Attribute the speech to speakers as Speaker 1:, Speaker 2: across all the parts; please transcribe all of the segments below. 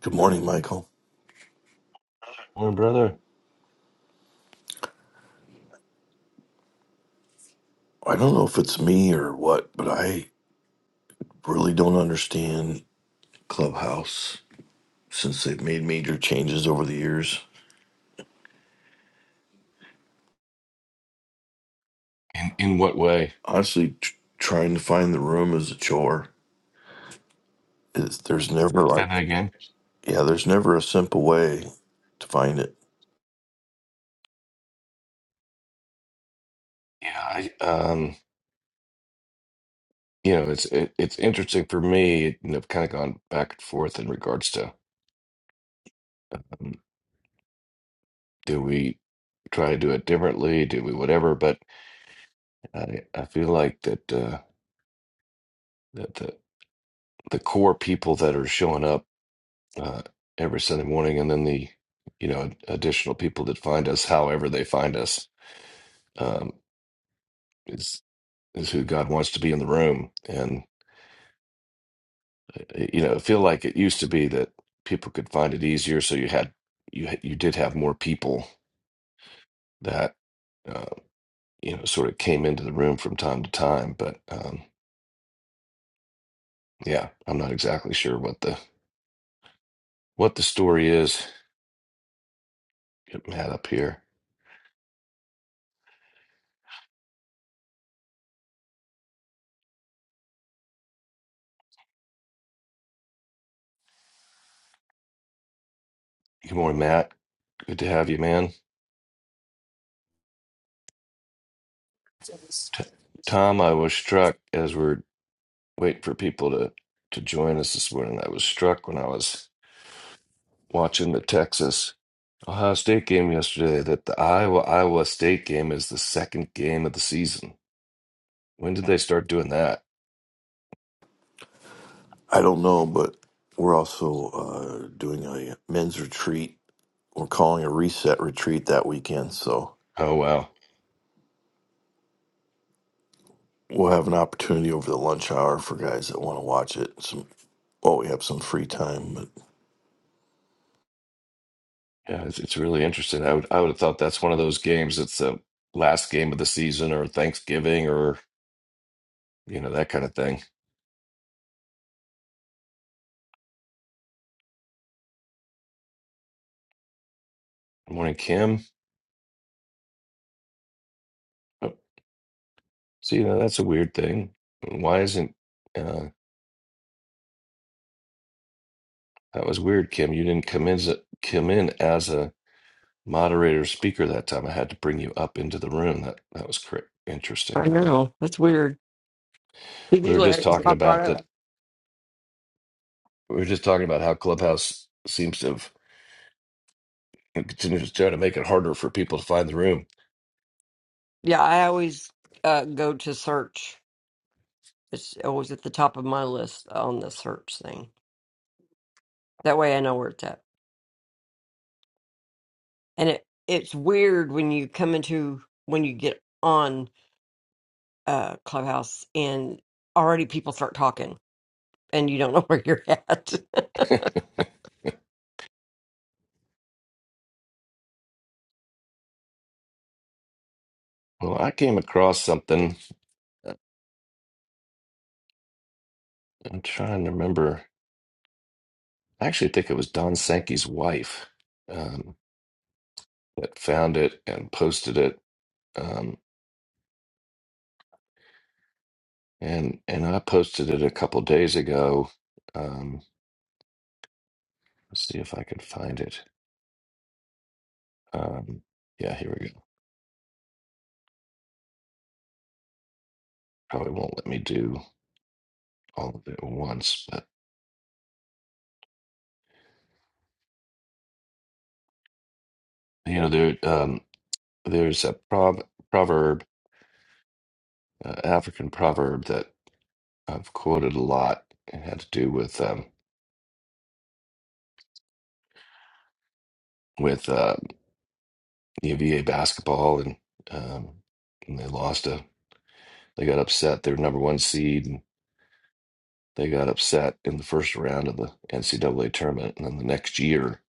Speaker 1: Good morning, Michael.
Speaker 2: Morning, brother.
Speaker 1: I don't know if it's me or what, but I really don't understand Clubhouse since they've made major changes over the years.
Speaker 2: In in what way?
Speaker 1: Honestly, tr- trying to find the room is a chore. It's, there's never
Speaker 2: Say
Speaker 1: like,
Speaker 2: that again.
Speaker 1: yeah, there's never a simple way to find it.
Speaker 2: Yeah, I, um, you know, it's it, it's interesting for me. And I've kind of gone back and forth in regards to um, do we try to do it differently? Do we whatever? But I I feel like that uh, that the the core people that are showing up uh, every Sunday morning, and then the you know additional people that find us, however they find us, um, is is who God wants to be in the room, and eh, you know, I feel like it used to be that people could find it easier, so you had you had- you did have more people that uh, you know sort of came into the room from time to time. But um, yeah, I'm not exactly sure what the what the story is. Get Matt up here. Good morning, Matt. Good to have you, man.
Speaker 3: Just.
Speaker 2: T- Tom, I was struck as we're waiting for people to to join us this morning. I was struck when I was watching the Texas. Ohio State game yesterday that the Iowa Iowa State game is the second game of the season. When did they start doing that?
Speaker 1: I don't know, but we're also uh, doing a men's retreat. We're calling a reset retreat that weekend, so
Speaker 2: Oh wow.
Speaker 1: we'll have an opportunity over the lunch hour for guys that want to watch it. Some, well, we have some free time, but
Speaker 2: Yeah, it's, it's really interesting. I would I would have thought that's one of those games It's the last game of the season or Thanksgiving or you know that kind of thing. Good morning, Kim. Oh, see, now that's a weird thing. Why isn't uh, that was weird, Kim? You didn't come in as a, come in as a moderator speaker that time. I had to bring you up into the room. That that was cr- interesting.
Speaker 4: I know. That's weird.
Speaker 2: We were
Speaker 4: Usually I
Speaker 2: just
Speaker 4: just
Speaker 2: talking
Speaker 4: pop right
Speaker 2: about that
Speaker 4: up.
Speaker 2: We were just talking about how Clubhouse seems to have continues to try to make it harder for people to find the room.
Speaker 4: Yeah, I always uh, go to search. It's always at the top of my list on the search thing. That way I know where it's at. And it it's weird when you come into when you get on uh Clubhouse and already people start talking and you don't know where you're at.
Speaker 2: Well, I came across something. uh, I'm trying to remember. I actually think it was Don Sankey's wife um, that found it and posted it. Um, and and I posted it a couple days ago. Um, let's see if I can find it. Um, yeah, here we go. probably won't let me do all of it at once, but you know, there um, there's a prob proverb, uh, African proverb that I've quoted a lot. It had to do with um, with uh, UVA basketball, and, um, and they lost a. They got upset. They were number one seed, and they got upset in the first round of the NCAA tournament. And then the next year,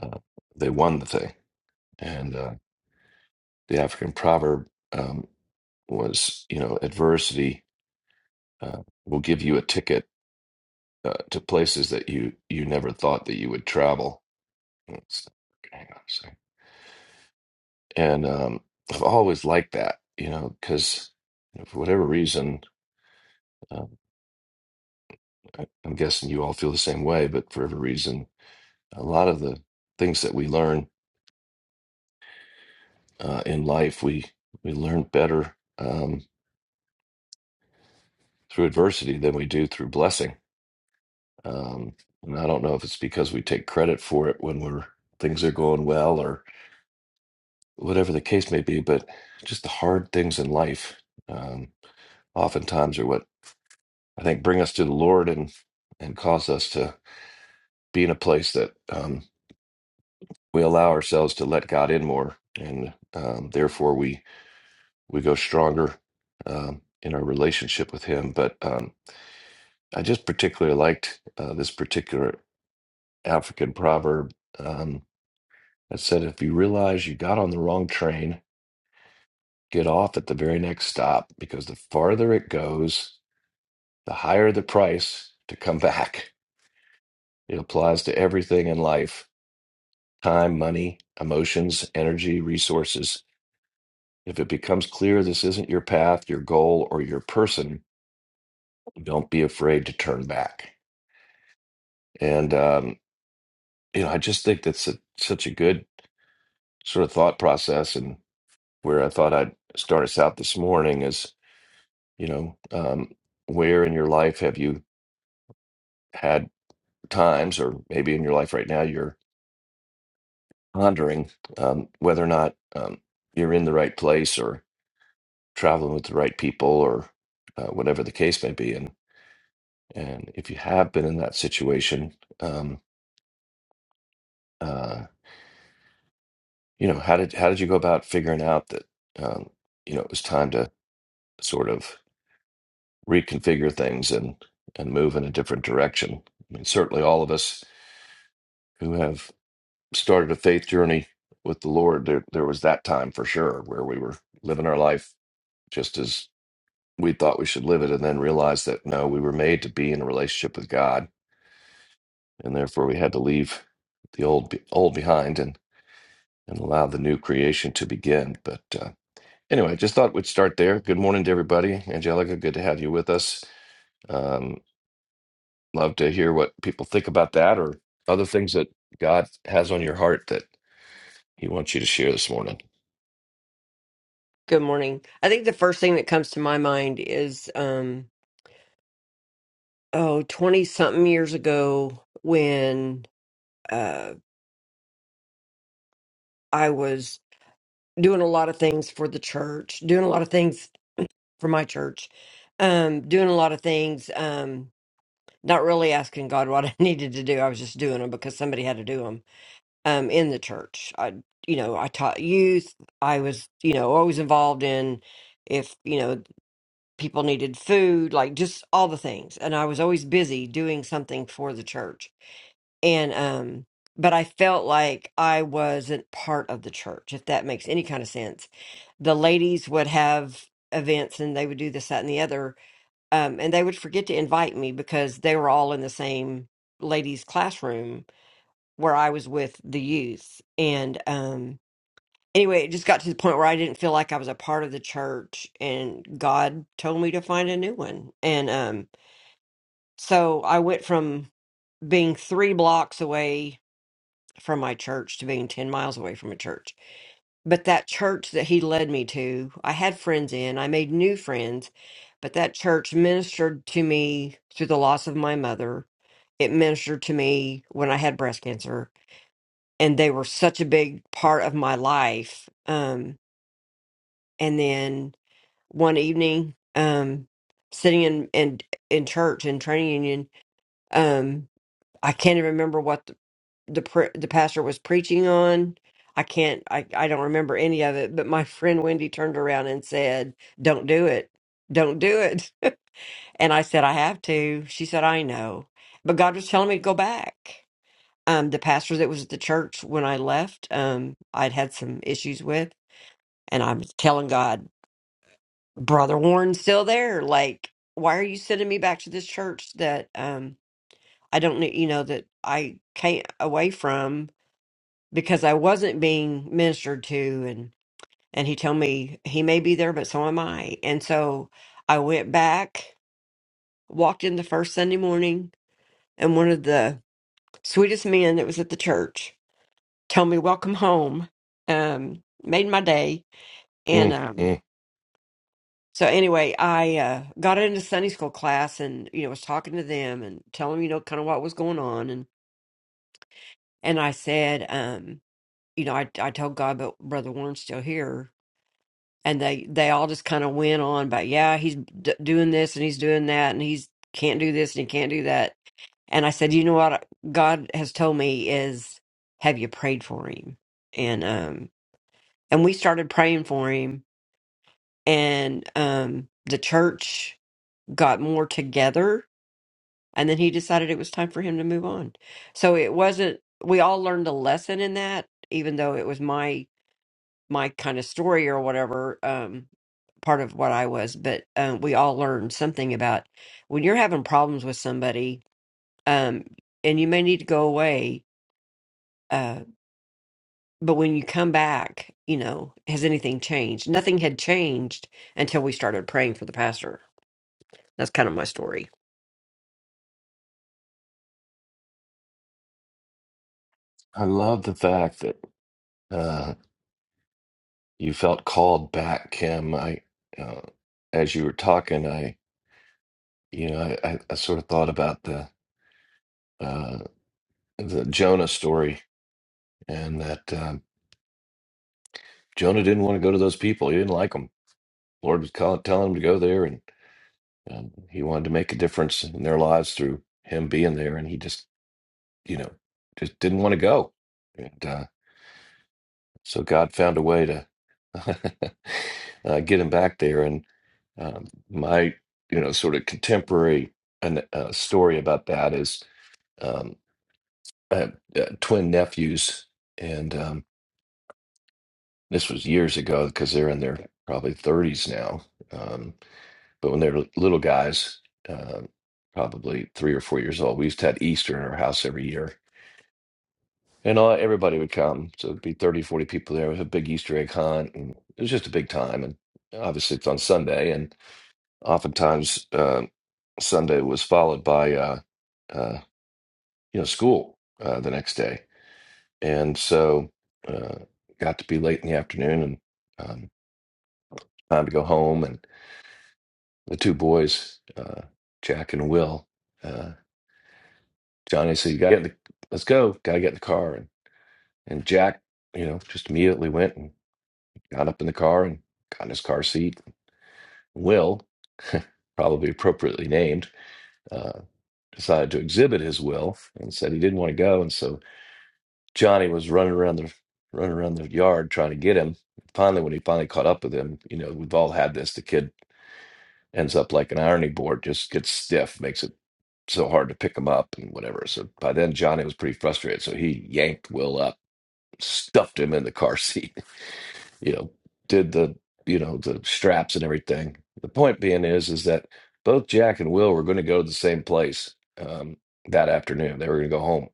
Speaker 2: uh, they won the thing. And uh, the African proverb um, was, you know, adversity uh, will give you a ticket uh, to places that you you never thought that you would travel. Let's- hang on a second. And um, I've always liked that, you know, because for whatever reason, um, I, I'm guessing you all feel the same way. But for every reason, a lot of the things that we learn uh, in life, we we learn better um, through adversity than we do through blessing. Um, and I don't know if it's because we take credit for it when we're things are going well, whatever the case may be, but just the hard things in life um, oftentimes are what I think bring us to the Lord and and cause us to be in a place that um, we allow ourselves to let God in more, and um, therefore we we go stronger um, in our relationship with Him. But um, I just particularly liked uh, this particular African proverb um, that said, "If you realize you got on the wrong train." Get off at the very next stop because the farther it goes, The higher the price to come back, it applies to everything in life time, money, emotions, energy, resources. If it becomes clear this isn't your path, your goal, or your person, don't be afraid to turn back. And, um, you know, I just think that's a, such a good sort of thought process. And where I thought I'd start us out this morning is, you know, um, where in your life have you had times, or maybe in your life right now, you're pondering um, whether or not um, you're in the right place or traveling with the right people or uh, whatever the case may be. And and if you have been in that situation, um, uh, you know how did how did you go about figuring out that um, you know it was time to sort of reconfigure things and and move in a different direction? I mean, certainly all of us who have started a faith journey with the Lord, there there was that time for sure where we were living our life just as we thought we should live it and then realized that no, we were made to be in a relationship with God, and therefore we had to leave the old be- old behind and and allow the new creation to begin. But uh, anyway, just thought we'd start there. Good morning to everybody, Angelica. Good to have you with us. Um, love to hear what people think about that or other things that God has on your heart that He wants you to share this morning.
Speaker 4: Good morning. I think the first thing that comes to my mind is um oh 20 something years ago when uh I was doing a lot of things for the church, doing a lot of things for my church, um, doing a lot of things, um, not really asking God what I needed to do. I was just doing them because somebody had to do them um, in the church. I, you know, I taught youth. I was, you know, always involved in if, you know, people needed food, like just all the things. And I was always busy doing something for the church and um but i felt like i wasn't part of the church if that makes any kind of sense the ladies would have events and they would do this that and the other um and they would forget to invite me because they were all in the same ladies classroom where i was with the youth and um anyway it just got to the point where i didn't feel like i was a part of the church and god told me to find a new one and um so i went from being three blocks away from my church to being 10 miles away from a church. But that church that he led me to, I had friends in, I made new friends, but that church ministered to me through the loss of my mother. It ministered to me when I had breast cancer, and they were such a big part of my life. Um, and then one evening, um, sitting in, in in church in training union, um, I can't even remember what. the pr- the pastor was preaching on. I can't I I don't remember any of it, but my friend Wendy turned around and said, "Don't do it. Don't do it." And I said, "I have to." She said, "I know." But God was telling me to go back. Um the pastor that was at the church when I left, um I'd had some issues with, and I'm telling God, "Brother Warren's still there. Like, why are you sending me back to this church that um I don't need, you know, that I came away from?" because I wasn't being ministered to and and he told me he may be there but so am I. And so I went back, walked in the first Sunday morning and one of the sweetest men that was at the church told me welcome home. Um made my day and
Speaker 2: Mm,
Speaker 4: um
Speaker 2: mm.
Speaker 4: so anyway, I uh, got into Sunday school class and you know was talking to them and telling them you know kind of what was going on and and I said um you know I I told God but brother Warren's still here and they they all just kind of went on but yeah he's d- doing this and he's doing that and he's can't do this and he can't do that and i said you know what god has told me is have you prayed for him and um and we started praying for him and um the church got more together and then he decided it was time for him to move on so it wasn't we all learned a lesson in that even though it was my my kind of story or whatever um part of what i was but um we all learned something about when you're having problems with somebody um and you may need to go away uh but when you come back you know has anything changed nothing had changed until we started praying for the pastor that's kind of my story
Speaker 2: I love the fact that uh, you felt called back, Kim. I, uh, as you were talking, I, you know, I, I, I sort of thought about the uh, the Jonah story, and that um, Jonah didn't want to go to those people. He didn't like them. Lord was call, telling him to go there, and um, he wanted to make a difference in their lives through him being there, and he just, you know, just didn't want to go. And uh, So God found a way to uh, get him back there. And um, my, you know, sort of contemporary an, uh, story about that is um, I have uh, twin nephews, and um, this was years ago because they're in their probably 30s now. Um, but when they're little guys, uh, probably three or four years old, we used to have Easter in our house every year And uh, everybody would come. So it'd be 30, 40 people there. It was a big Easter egg hunt. And it was just a big time. And obviously, it's on Sunday. And oftentimes, uh, Sunday was followed by, uh, uh, you know, school uh, the next day. And so uh, got to be late in the afternoon and um, time to go home. And the two boys, uh, Jack and Will, uh, Johnny said, you got to get in the, let's go. Got to get in the car. And, and Jack, you know, just immediately went and got up in the car and got in his car seat. Will, probably appropriately named, uh, decided to exhibit his will and said he didn't want to go. And so Johnny was running around the running around the yard trying to get him. Finally, when he finally caught up with him, you know, we've all had this. The kid ends up like an ironing board, just gets stiff, makes it so hard to pick him up and whatever. So by then Johnny was pretty frustrated. So he yanked Will up, stuffed him in the car seat you know, did the, you know, the straps and everything. The point being is, is that both Jack and Will were going to go to the same place um, that afternoon. They were going to go home.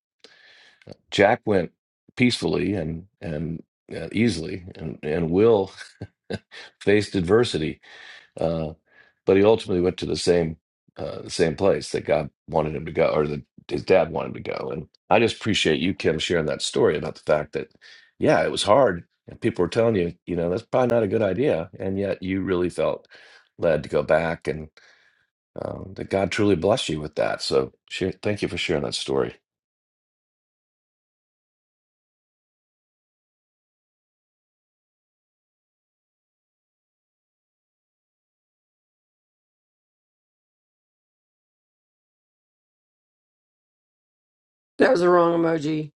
Speaker 2: Jack went peacefully and and uh, easily, and and Will faced adversity. uh, but he ultimately went to the same uh, the same place that God wanted him to go, or that his dad wanted him to go. And I just appreciate you, Kim, sharing that story about the fact that, yeah, it was hard, and people were telling you, you know, that's probably not a good idea, and yet you really felt led to go back, and um, that God truly blessed you with that. So, share, thank you for sharing that story.
Speaker 4: That was the wrong emoji.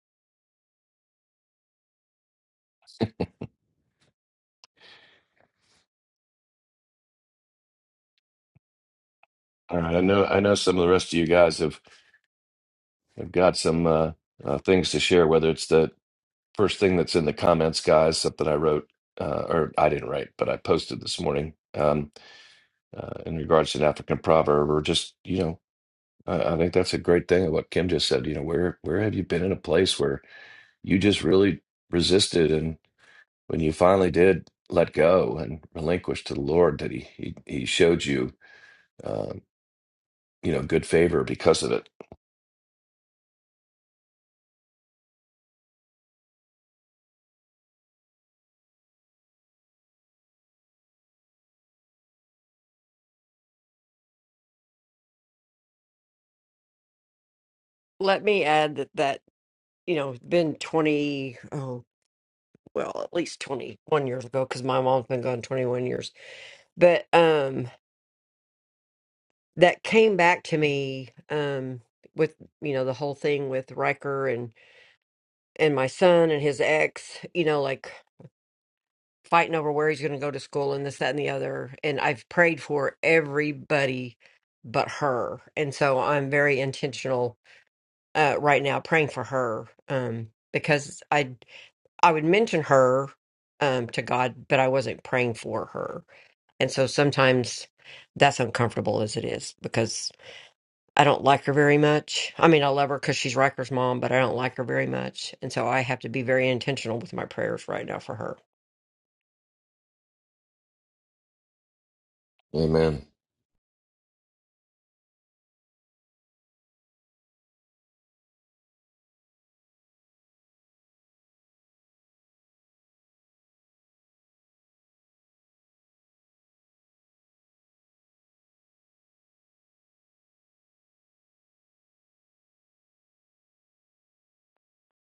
Speaker 2: All right, I know I know some of the rest of you guys have have got some uh, uh, things to share, whether it's the first thing that's in the comments, guys, something I wrote, uh, or I didn't write, but I posted this morning um, uh, in regards to an African proverb, or just, you know, I, I think that's a great thing of what Kim just said. You know, where where have you been in a place where you just really resisted, and when you finally did let go and relinquish to the Lord, that He He, he showed you, um, you know, good favor because of it.
Speaker 4: let me add that that you know it's been 20 oh, well at least 21 years ago because my mom's been gone 21 years but um that came back to me um with you know the whole thing with Riker and and my son and his ex you know like fighting over where he's going to go to school and this that and the other and I've prayed for everybody but her and so I'm very intentional uh right now praying for her um because I I would mention her um to God but I wasn't praying for her and so sometimes that's uncomfortable as it is because. I don't like her very much. I mean, I love her because she's Riker's mom, but I don't like her very much. And so I have to be very intentional with my prayers right now for her.
Speaker 2: Amen.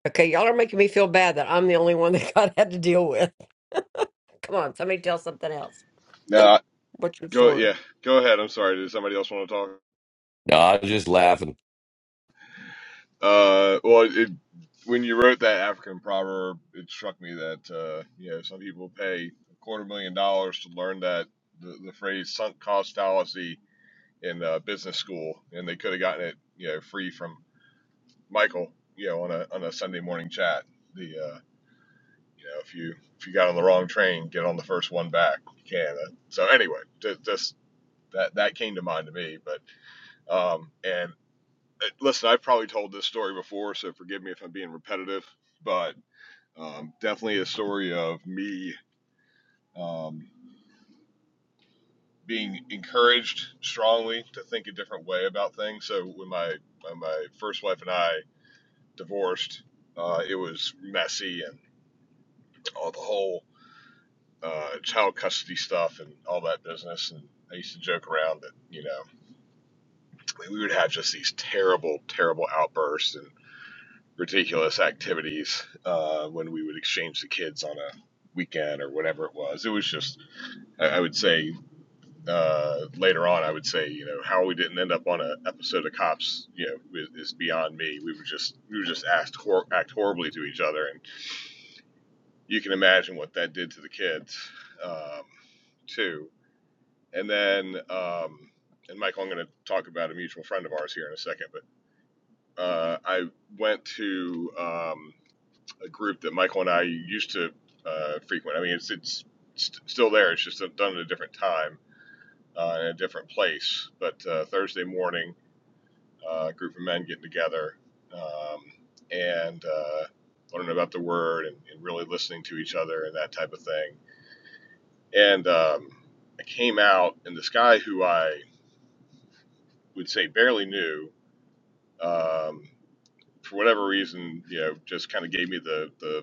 Speaker 4: Okay, y'all are making me feel bad that I'm the only one that God had to deal with. Come on, somebody tell something else.
Speaker 5: No, I-
Speaker 4: What's your
Speaker 5: go
Speaker 4: story?
Speaker 5: yeah, go ahead. I'm sorry. Did somebody else want to talk?
Speaker 2: No, I am just laughing.
Speaker 5: Uh, well, it, when you wrote that African proverb, it struck me that uh, you know some people pay a quarter million dollars to learn that the, the phrase sunk cost fallacy in uh, business school, and they could have gotten it you know free from Michael, you know, on a on a Sunday morning chat. The uh, you know if you if you got on the wrong train, get on the first one back. You can. Uh, so anyway, just, just that that came to mind to me, but um, and uh, listen, I've probably told this story before, so forgive me if I'm being repetitive, but um, definitely a story of me um, being encouraged strongly to think a different way about things. So when my when my first wife and I divorced, uh, it was messy and all the whole uh, child custody stuff and all that business. And I used to joke around that you know we would have just these terrible, terrible outbursts and ridiculous activities uh, when we would exchange the kids on a weekend or whatever it was. It was just, I, I would say uh, later on, I would say, you know, how we didn't end up on an episode of Cops, you know, is, is beyond me. We were just, we were just asked hor- act horribly to each other, and you can imagine what that did to the kids, um, too. And then, um, and Michael, I'm going to talk about a mutual friend of ours here in a second, but uh, I went to um, a group that Michael and I used to uh, frequent. I mean, it's it's st- still there. It's just done at a different time uh, in a different place. But uh, Thursday morning, uh, a group of men getting together um, and uh, learning about the word and, and really listening to each other and that type of thing. And um, I came out, and this guy who I would say barely knew. Um, for whatever reason, you know, just kind of gave me the, the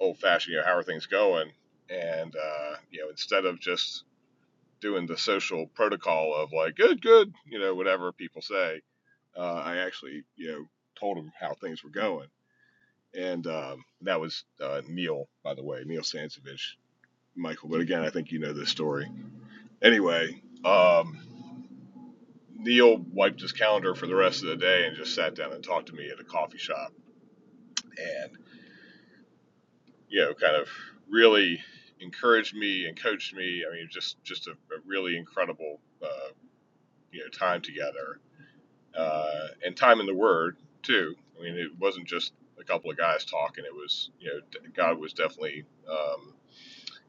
Speaker 5: old fashioned, you know, how are things going? And uh, you know, instead of just doing the social protocol of like good, good, you know, whatever people say, uh, I actually you know told them how things were going, and um, that was uh, Neil, by the way, Neil Sansovich, Michael. But again, I think you know this story. Anyway, um, Neil wiped his calendar for the rest of the day and just sat down and talked to me at a coffee shop, and you know, kind of really encouraged me and coached me. I mean, just just a, a really incredible uh, you know time together uh, and time in the Word too. I mean, it wasn't just a couple of guys talking. It was you know God was definitely um,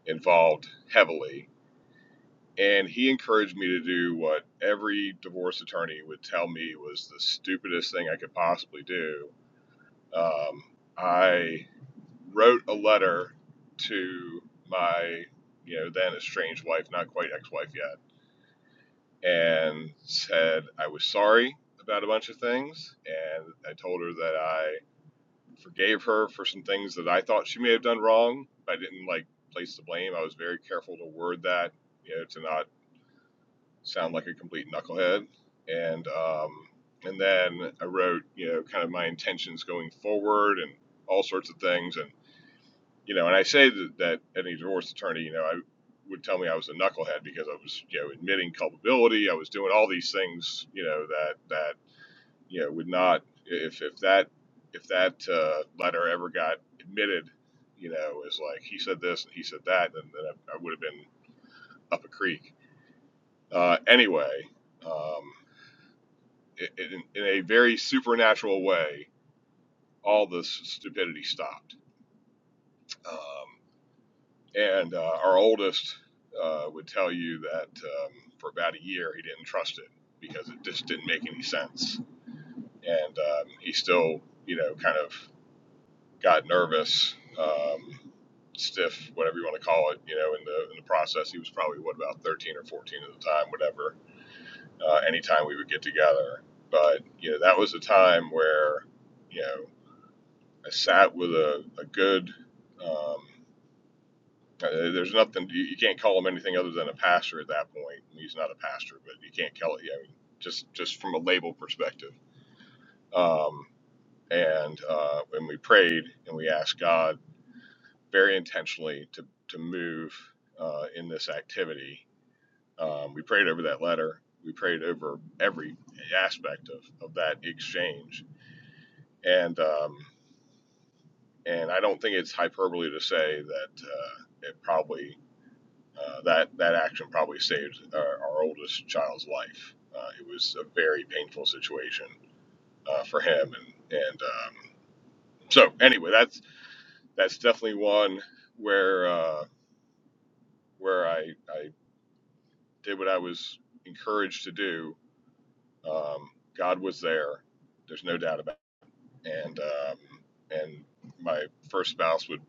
Speaker 5: involved heavily, and He encouraged me to do what every divorce attorney would tell me was the stupidest thing I could possibly do. Um, I wrote a letter to my, you know, then estranged wife, not quite ex wife yet, and said I was sorry about a bunch of things. And I told her that I forgave her for some things that I thought she may have done wrong. I didn't like place the blame. I was very careful to word that, you know, to not sound like a complete knucklehead. And, um, and then I wrote, you know, kind of my intentions going forward and all sorts of things. And you know, and I say that, that any divorce attorney, you know, I would tell me I was a knucklehead because I was, you know, admitting culpability. I was doing all these things, you know, that that you know would not if if that if that uh, letter ever got admitted, you know, is like he said this and he said that, then, then I, I would have been up a creek. Uh, anyway, um, i in, in a very supernatural way, all this stupidity stopped. Um, And uh, our oldest uh, would tell you that um, for about a year he didn't trust it because it just didn't make any sense. And um, he still, you know, kind of got nervous, um, stiff, whatever you want to call it, you know, in the, in the process. He was probably, what, about 13 or 14 at the time, whatever, uh, anytime we would get together. But, you know, that was a time where, you know, I sat with a, a good um, Uh, there's nothing you, you can't call him anything other than a pastor at that point. He's not a pastor, but you can't call it. I mean, just just from a label perspective. Um, and uh, when we prayed and we asked God very intentionally to to move uh, in this activity, um, we prayed over that letter. We prayed over every aspect of, of that exchange, and um, and I don't think it's hyperbole to say that uh, it probably Uh, that that action probably saved our, our oldest child's life. Uh, it was a very painful situation uh, for him, and and um, so anyway, that's that's definitely one where uh, where I I did what I was encouraged to do. Um, God was there. There's no doubt about it. And um, and my first spouse would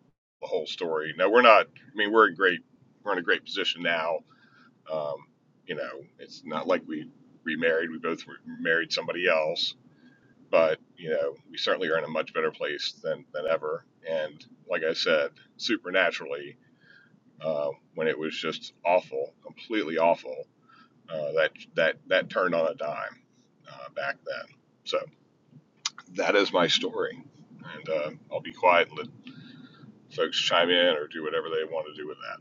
Speaker 5: the whole story. Now we're not. I mean, we're in great we're in a great position now Um, you know, it's not like we remarried. We both re- married somebody else, but you know, we certainly are in a much better place than than ever. And like I said, supernaturally, uh, when it was just awful, completely awful, uh, that that that turned on a dime uh, back then. So that is my story, and uh, I'll be quiet and let folks chime in or do whatever they want to do with that.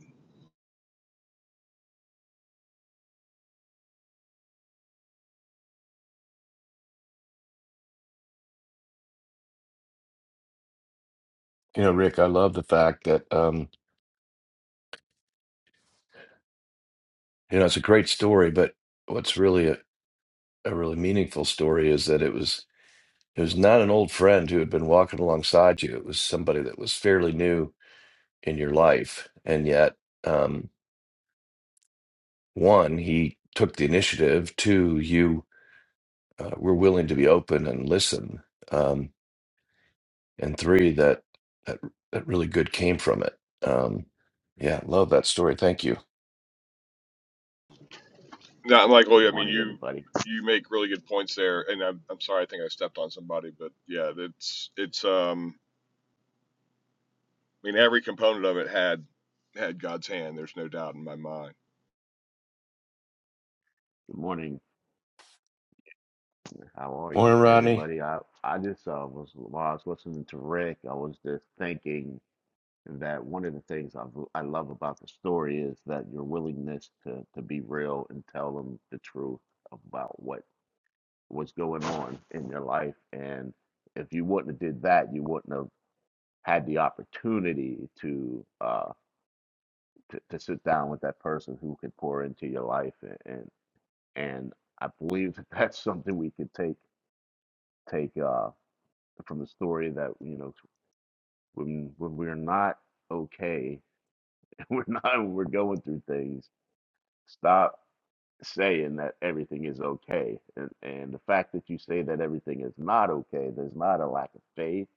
Speaker 2: You know, Rick, I love the fact that um, you know it's a great story, but what's really a really meaningful story is that it was it was not an old friend who had been walking alongside you. It was somebody that was fairly new in your life, and yet, um, one, he took the initiative. Two, you uh, were willing to be open and listen, um, and three, that that that really good came from it. Um, yeah, love that story. Thank you,
Speaker 5: Not Michael.
Speaker 6: Good
Speaker 5: I mean,
Speaker 6: morning,
Speaker 5: you
Speaker 6: everybody.
Speaker 5: you make really good points there, and I'm I'm sorry. I think I stepped on somebody, but yeah, it's it's um. I mean, every component of it had had God's hand. There's no doubt in my mind.
Speaker 6: Good morning. How are you,
Speaker 2: morning, Rodney.
Speaker 6: everybody? I I just uh, was while I was listening to Rick, I was just thinking that one of the things I I love about the story is that your willingness to to be real and tell them the truth about what was going on in your life. And if you wouldn't have did that, you wouldn't have had the opportunity to uh to, to sit down with that person who could pour into your life and and, and I believe that that's something we could take take off from the story that you know when when we're not okay, we're not we're going through things. Stop saying that everything is okay, and and the fact that you say that everything is not okay, there's not a lack of faith.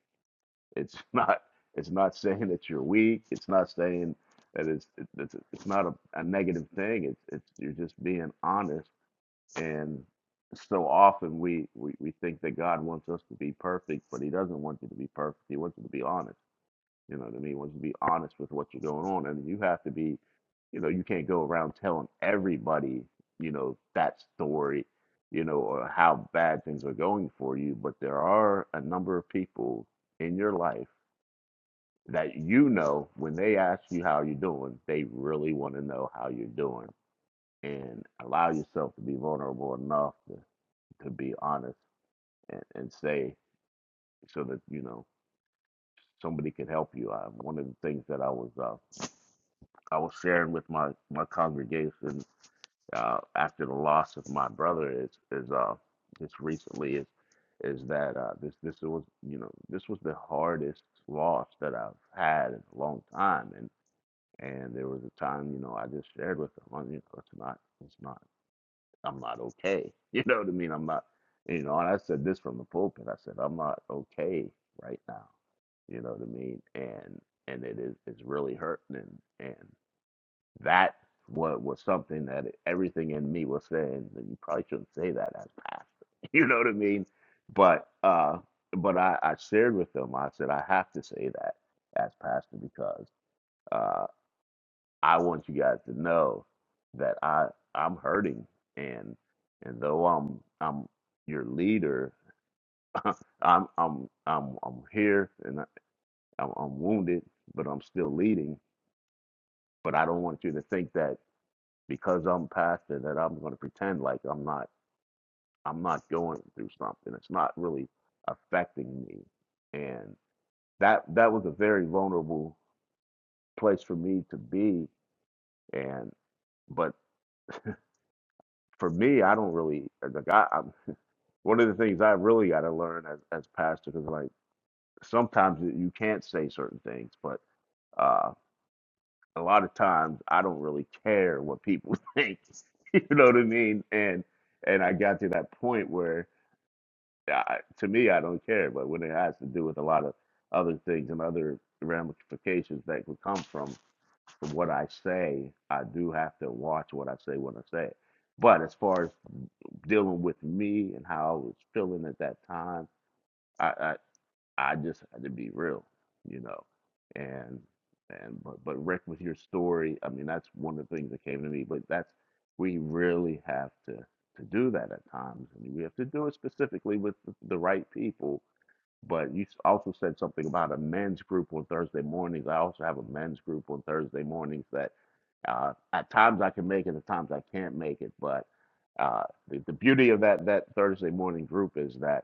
Speaker 6: It's not it's not saying that you're weak. It's not saying that it's it's, it's not a, a negative thing. It's it's you're just being honest And so often we, we, we think that God wants us to be perfect, but He doesn't want you to be perfect. He wants you to be honest. You know what I mean? He wants you to be honest with what you're going on. And you have to be, you know, you can't go around telling everybody, you know, that story, you know, or how bad things are going for you. But there are a number of people in your life that you know when they ask you how you're doing, they really want to know how you're doing. And allow yourself to be vulnerable enough to to be honest and, and say so that you know somebody could help you. I, one of the things that I was uh, I was sharing with my my congregation uh, after the loss of my brother is is uh, just recently is is that uh, this this was you know this was the hardest loss that I've had in a long time and and there was a time you know I just shared with them you know it's not it's not I'm not okay. You know what I mean? I'm not, you know, and I said this from the pulpit. I said, I'm not okay right now. You know what I mean? And and it is it's really hurting and and that what was something that everything in me was saying that you probably shouldn't say that as pastor. You know what I mean? But uh but I, I shared with them, I said I have to say that as pastor because uh, I want you guys to know that I I'm hurting and and though I'm I'm your leader, I'm I'm I'm I'm here and I, I'm, I'm wounded, but I'm still leading. But I don't want you to think that because I'm pastor that I'm going to pretend like I'm not I'm not going through something. It's not really affecting me, and that that was a very vulnerable place for me to be. And but for me, I don't really like I, am one of the things I really got to learn as as pastor is like sometimes you can't say certain things, but uh, a lot of times I don't really care what people think. you know what I mean? And and I got to that point where I, to me I don't care, but when it has to do with a lot of other things and other ramifications that could come from from what I say, I do have to watch what I say when I say it. But as far as dealing with me and how I was feeling at that time. I. I I just had to be real, you know, and and but but Rick, with your story, I mean, that's one of the things that came to me. But that's we really have to to do that at times. I mean, we have to do it specifically with the, the right people. But you s- also said something about a men's group on Thursday mornings. I also have a men's group on Thursday mornings that uh, at times I can make it, at times I can't make it. But uh, the, the beauty of that that Thursday morning group is that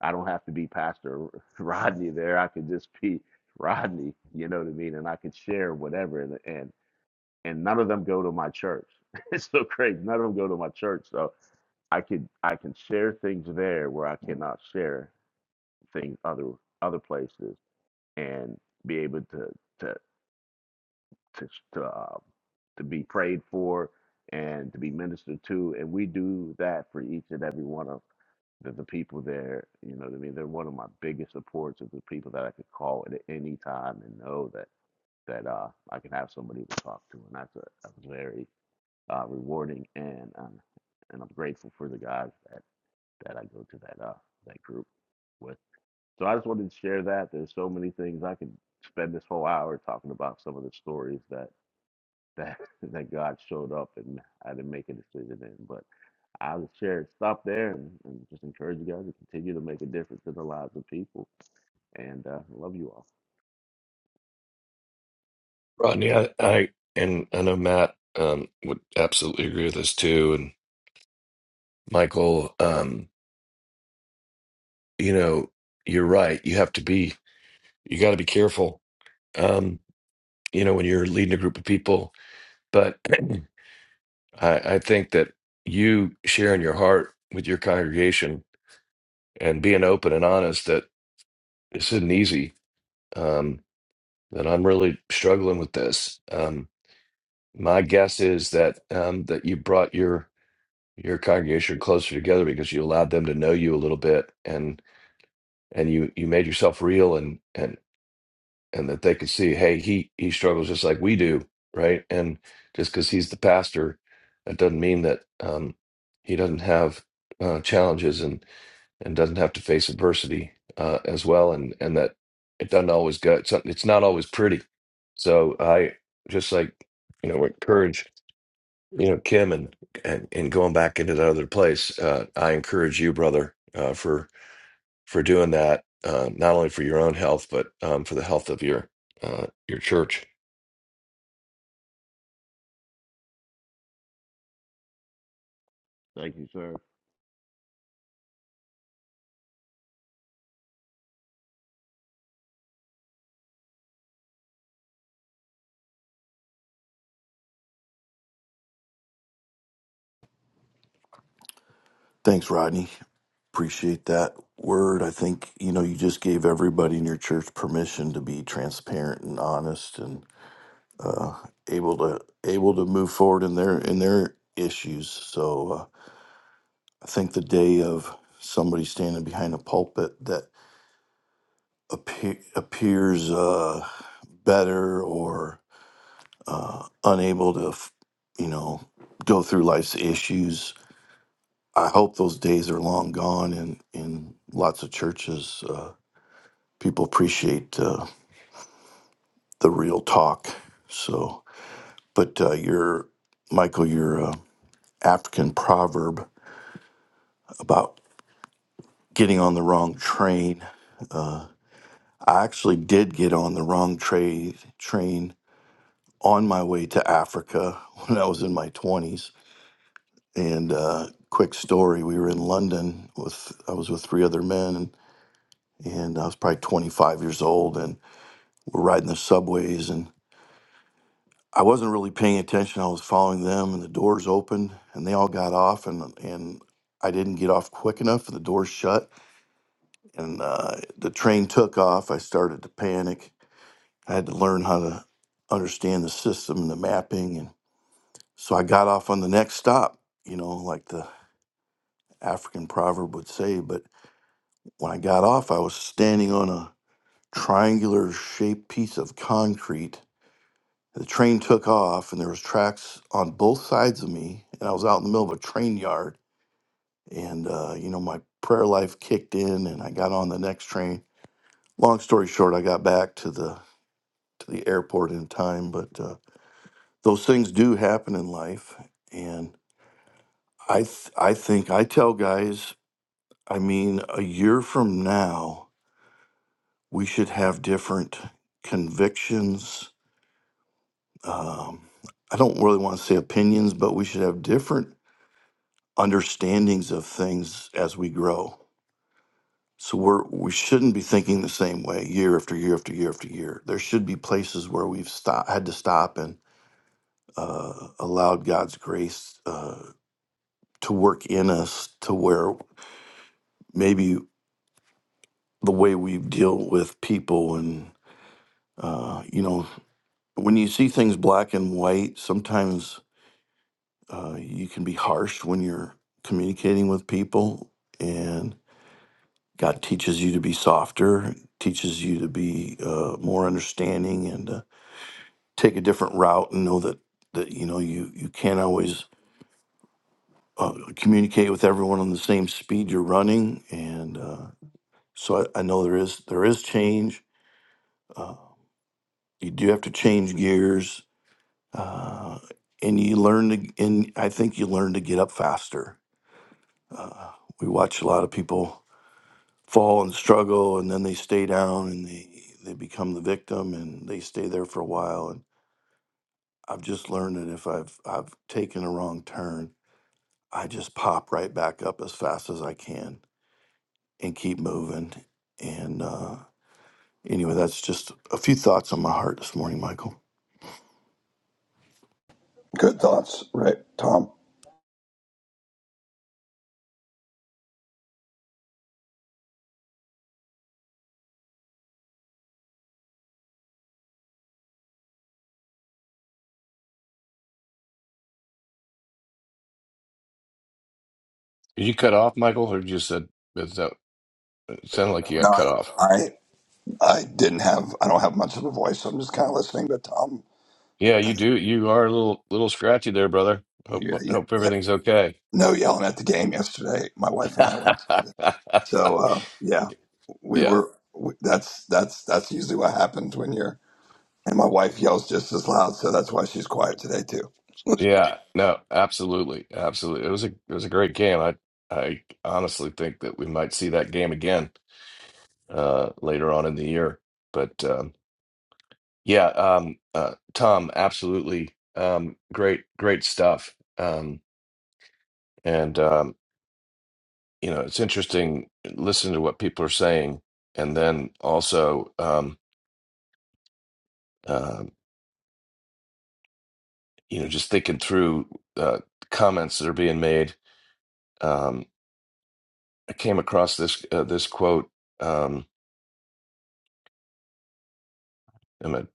Speaker 6: I don't have to be Pastor Rodney there. I could just be Rodney, you know what I mean? And I could share whatever. And and, and none of them go to my church. it's so crazy. None of them go to my church. So I could I can share things there where I cannot share things other other places and be able to to to to, uh, to be prayed for and to be ministered to, and we do that for each and every one of the, the people there. You know, what I mean, they're one of my biggest supports of the people that I could call at any time and know that that uh, I can have somebody to talk to, and that's a, that's very uh, rewarding, and um, and I'm grateful for the guys that that I go to that uh that group with. So I just wanted to share that. There's so many things I could spend this whole hour talking about some of the stories that that that God showed up and I didn't make a decision in, But I'll share stop there and, and just encourage you guys to continue to make a difference in the lives of people. And uh, love you all.
Speaker 2: Rodney, I, I and I know Matt um, would absolutely agree with this too, and Michael. Um, you know, you're right. You have to be, you got to be careful, um, you know, when you're leading a group of people. But I, I think that you sharing your heart with your congregation and being open and honest that this isn't easy, um, that I'm really struggling with this. Um, my guess is that um, that you brought your your congregation closer together because you allowed them to know you a little bit and and you you made yourself real and and. and that they could see, hey, he he struggles just like we do, right? And just because he's the pastor, that doesn't mean that um, he doesn't have uh, challenges and and doesn't have to face adversity uh, as well, and and that it doesn't always go. It's, not- it's not always pretty. So I just like you know encourage you know Kim and and, and going back into that other place. Uh, I encourage you, brother, uh, for for doing that, uh, not only for your own health, but um, for the health of your uh, your church.
Speaker 6: Thank you, sir.
Speaker 1: Thanks, Rodney. Appreciate that word. I think, you know, you just gave everybody in your church permission to be transparent and honest and uh, able to able to move forward in their in their issues. So uh, I think the day of somebody standing behind a pulpit that appear, appears uh, better or uh, unable to, f- you know, go through life's issues. I hope those days are long gone and in lots of churches. Uh, people appreciate uh, the real talk. So, but uh, your Michael, your uh, African proverb about getting on the wrong train. I actually did get on the wrong tra- train on my way to Africa when I was in my twenties. And uh, quick story: we were in London with I was with three other men, and, and I was probably 25 years old, and we're riding the subways, and. I wasn't really paying attention. I was following them, and the doors opened, and they all got off, and and I didn't get off quick enough, and the doors shut, and uh, the train took off. I started to panic. I had to learn how to understand the system and the mapping, and so I got off on the next stop. You know, like the African proverb would say. But when I got off, I was standing on a triangular shaped piece of concrete The train took off, and there was tracks on both sides of me, and I was out in the middle of a train yard. And uh, you know, my prayer life kicked in, and I got on the next train. Long story short, I got back to the to the airport in time. But uh, those things do happen in life, and I th- I think I tell guys, I mean, a year from now, we should have different convictions. Um, I don't really want to say opinions, but we should have different understandings of things as we grow. So we're we shouldn't be thinking the same way year after year after year after year. There should be places where we've stop, had to stop and uh, allowed God's grace uh, to work in us to where maybe the way we deal with people and uh, you know when you see things black and white, sometimes uh, you can be harsh when you're communicating with people and. God teaches you to be softer, teaches you to be uh, more understanding, and uh, take a different route, and know that that you know you you can't always uh, communicate with everyone on the same speed you're running, and uh, so I, I know there is there is change. Uh, you do have to change gears, uh, and you learn to. And I think you learn to get up faster. Uh, we watch a lot of people fall and struggle and then they stay down and they they become the victim and they stay there for a while and I've just learned that if I've I've taken a wrong turn, I just pop right back up as fast as I can and keep moving. And uh, anyway, that's just a few thoughts on my heart this morning, Michael.
Speaker 7: Good thoughts, right, Tom?
Speaker 2: You cut off, Michael, or you said is that it sounded like you
Speaker 7: No,
Speaker 2: got cut off.
Speaker 7: I, I I didn't have I don't have much of a voice. so I'm just kind of listening. But Tom,
Speaker 2: Yeah,
Speaker 7: uh,
Speaker 2: you do. You are a little little scratchy there, brother. Hope
Speaker 7: yeah, yeah,
Speaker 2: hope
Speaker 7: yeah,
Speaker 2: everything's okay.
Speaker 7: no yelling at the game yesterday. My wife and I went. So uh, yeah, we
Speaker 2: Yeah.
Speaker 7: were. We, that's that's that's usually what happens when you're. And my wife yells just as loud, so that's why she's quiet today too.
Speaker 2: Yeah. No, absolutely. Absolutely. It was a it was a great game. I I honestly think that we might see that game again uh later on in the year. But um, Yeah, um, uh, Tom, absolutely. Um, great, great stuff. Um, and um, you know, it's interesting listening to what people are saying, and then also, um, uh, you know, just thinking through uh, comments that are being made. Um, I came across this uh, this quote. Um, I'm gonna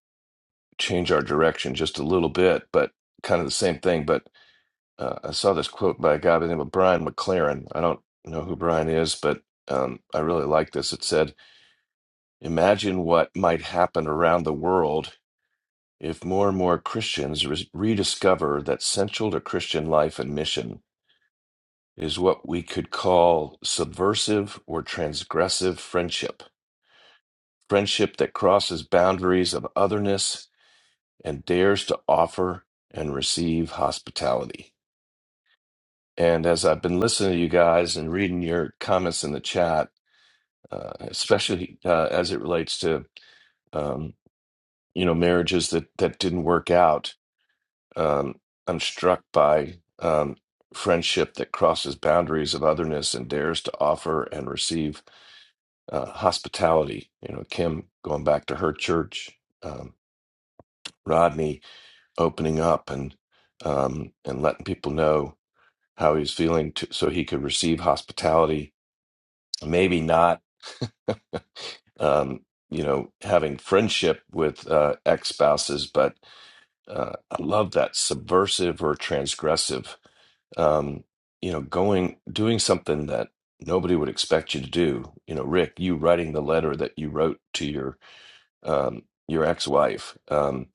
Speaker 2: change our direction just a little bit, but kind of the same thing. But uh, I saw this quote by a guy by the name of Brian McLaren. I don't know who Brian is, but um, I really like this. It said, Imagine what might happen around the world if more and more Christians re- rediscover that central to Christian life and mission is what we could call subversive or transgressive friendship, friendship that crosses boundaries of otherness and dares to offer and receive hospitality. And as I've been listening to you guys and reading your comments in the chat, uh, especially uh, as it relates to um, you know marriages that that didn't work out, um, I'm struck by um, friendship that crosses boundaries of otherness and dares to offer and receive uh, hospitality. You know, Kim going back to her church, um, Rodney opening up and um, and letting people know how he's feeling to, so he could receive hospitality maybe not um, you know, having friendship with uh, ex spouses, but uh, I love that subversive or transgressive, um, you know, going, doing something that nobody would expect you to do. You know, Rick, you writing the letter that you wrote to your, um, your ex wife, um,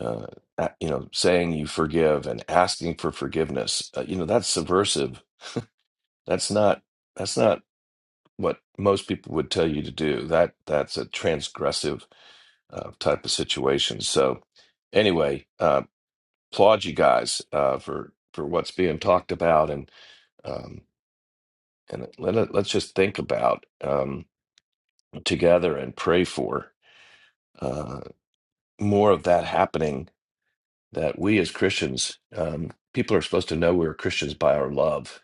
Speaker 2: uh, a- you know, saying you forgive and asking for forgiveness, uh, you know, that's subversive. That's not, that's not what most people would tell you to do. That, that's a transgressive uh, type of situation. So, anyway, uh, applaud you guys uh, for for what's being talked about, and um, and let it- let's just think about um, together and pray for uh, more of that happening. That we as Christians, um, people are supposed to know we're Christians by our love,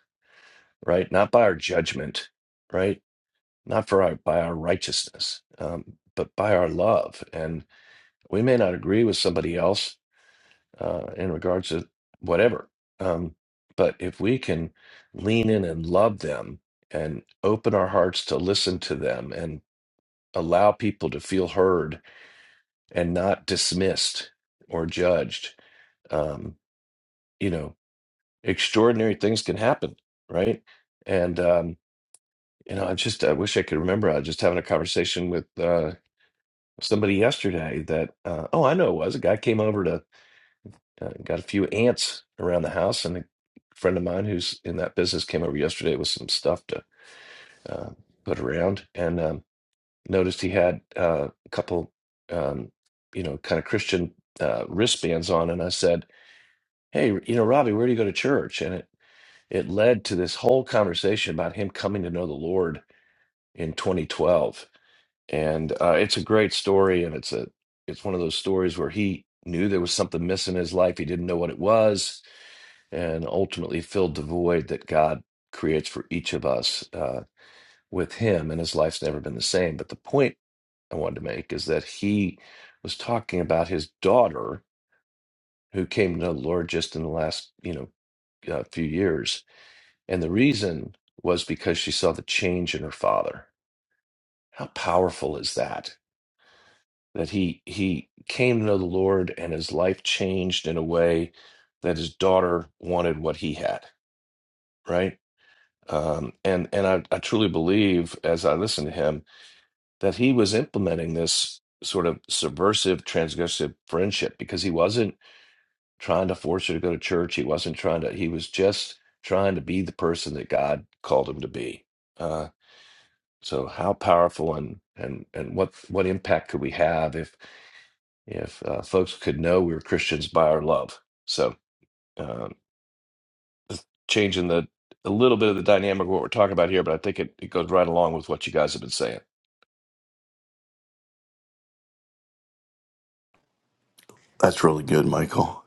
Speaker 2: right? Not by our judgment, right? Not for our by our righteousness, um, but by our love. And we may not agree with somebody else, uh, in regards to whatever. Um, but if we can lean in and love them and open our hearts to listen to them and allow people to feel heard and not dismissed or judged, um, you know, extraordinary things can happen, right? And, um, you know, I just, I wish I could remember. I was just having a conversation with uh, somebody yesterday that, uh, oh, I know it was a guy came over to uh, got a few ants around the house, and a friend of mine who's in that business came over yesterday with some stuff to uh, put around, and um, noticed he had uh, a couple, um, you know, kind of Christian uh, wristbands on, and I said, "Hey, you know, Robbie, where do you go to church?" And it it led to this whole conversation about him coming to know the Lord in 2012, and uh, it's a great story, and it's a it's one of those stories where he knew there was something missing in his life. He didn't know what it was and ultimately filled the void that God creates for each of us uh, with Him, and His life's never been the same. But the point I wanted to make is that He was talking about His daughter who came to the Lord just in the last, you know, uh, few years, and the reason was because she saw the change in her father. How powerful is that? That he he came to know the Lord and his life changed in a way that his daughter wanted what he had, right? Um, and and I, I truly believe, as I listen to him, that he was implementing this sort of subversive, transgressive friendship because he wasn't trying to force her to go to church. He wasn't trying to. He was just trying to be the person that God called him to be. Uh, so how powerful and and and what what impact could we have if if uh, folks could know we were Christians by our love? So. Uh, changing the a little bit of the dynamic of what we're talking about here, but I think it, it goes right along with what you guys have been saying.
Speaker 1: That's really good, Michael.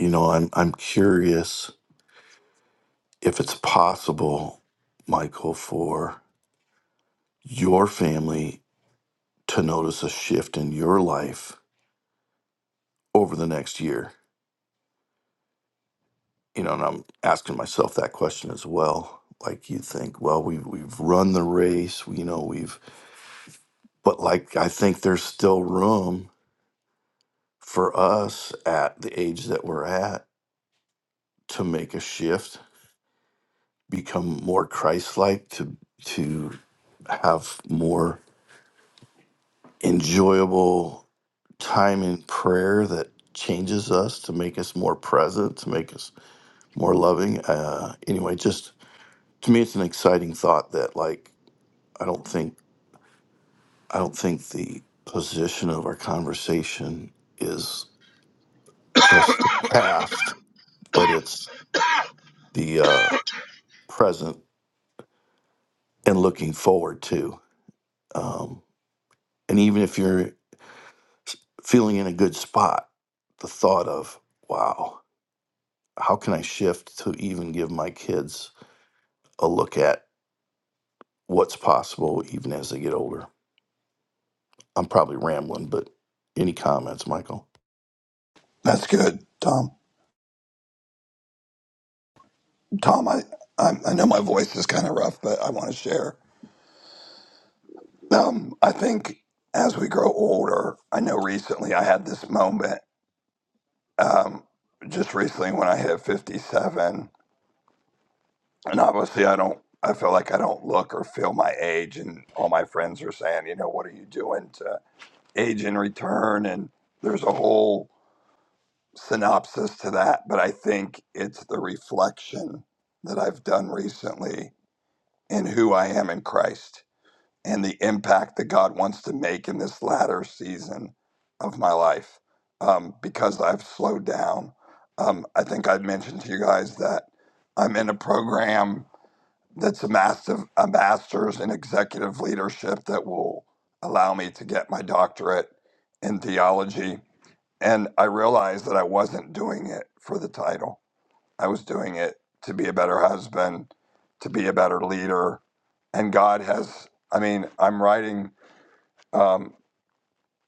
Speaker 1: You know, I'm I'm curious if it's possible, Michael, for your family to notice a shift in your life over the next year? You know, and I'm asking myself that question as well. Like you think, well, we've we've run the race, we- you know, we've but like I think there's still room for us at the age that we're at to make a shift, become more Christ like, to to have more enjoyable time in prayer that changes us to make us more present, to make us more loving. Uh, anyway, just to me it's an exciting thought that like i don't think i don't think the position of our conversation is just the past but it's the uh, present and looking forward to um, and even if you're feeling in a good spot the thought of wow how can i shift to even give my kids a look at what's possible even as they get older i'm probably rambling but any comments michael
Speaker 7: That's good, Tom. Tom, I I, I know my voice is kind of rough, but I want to share. Um, I think as we grow older, I know recently I had this moment um, just recently when I hit 57. And obviously, I don't, I feel like I don't look or feel my age. And all my friends are saying, you know, what are you doing to age in return? And there's a whole synopsis to that. But I think it's the reflection that I've done recently in who I am in Christ. and the impact that God wants to make in this latter season of my life um, because I've slowed down. Um, I think I mentioned to you guys that I'm in a program that's a massive a master's in executive leadership that will allow me to get my doctorate in theology. And I realized that I wasn't doing it for the title. I was doing it to be a better husband, to be a better leader, and God has I mean, I'm writing um,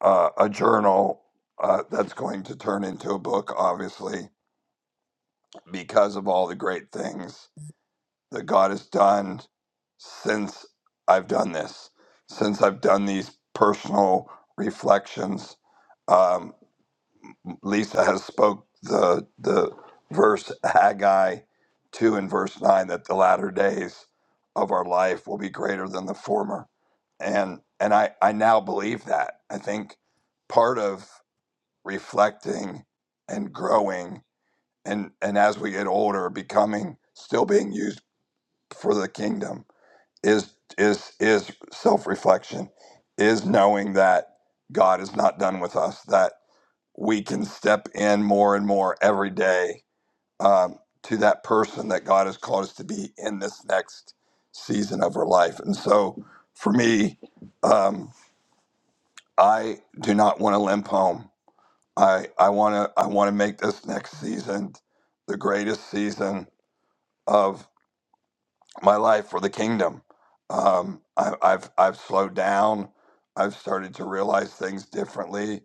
Speaker 7: uh, a journal uh, that's going to turn into a book, obviously, because of all the great things that God has done since I've done this, since I've done these personal reflections. Um, Lisa has spoke the the verse Haggai two and verse nine that the latter days of our life will be greater than the former, and and I I now believe that I think part of reflecting and growing and and as we get older becoming still being used for the kingdom is is is self-reflection is knowing that god is not done with us that we can step in more and more every day um, to that person that god has called us to be in this next season of our life and so for me um, i do not want to limp home I I want to I want to make this next season the greatest season of my life for the kingdom. Um, I, I've I've slowed down. I've started to realize things differently.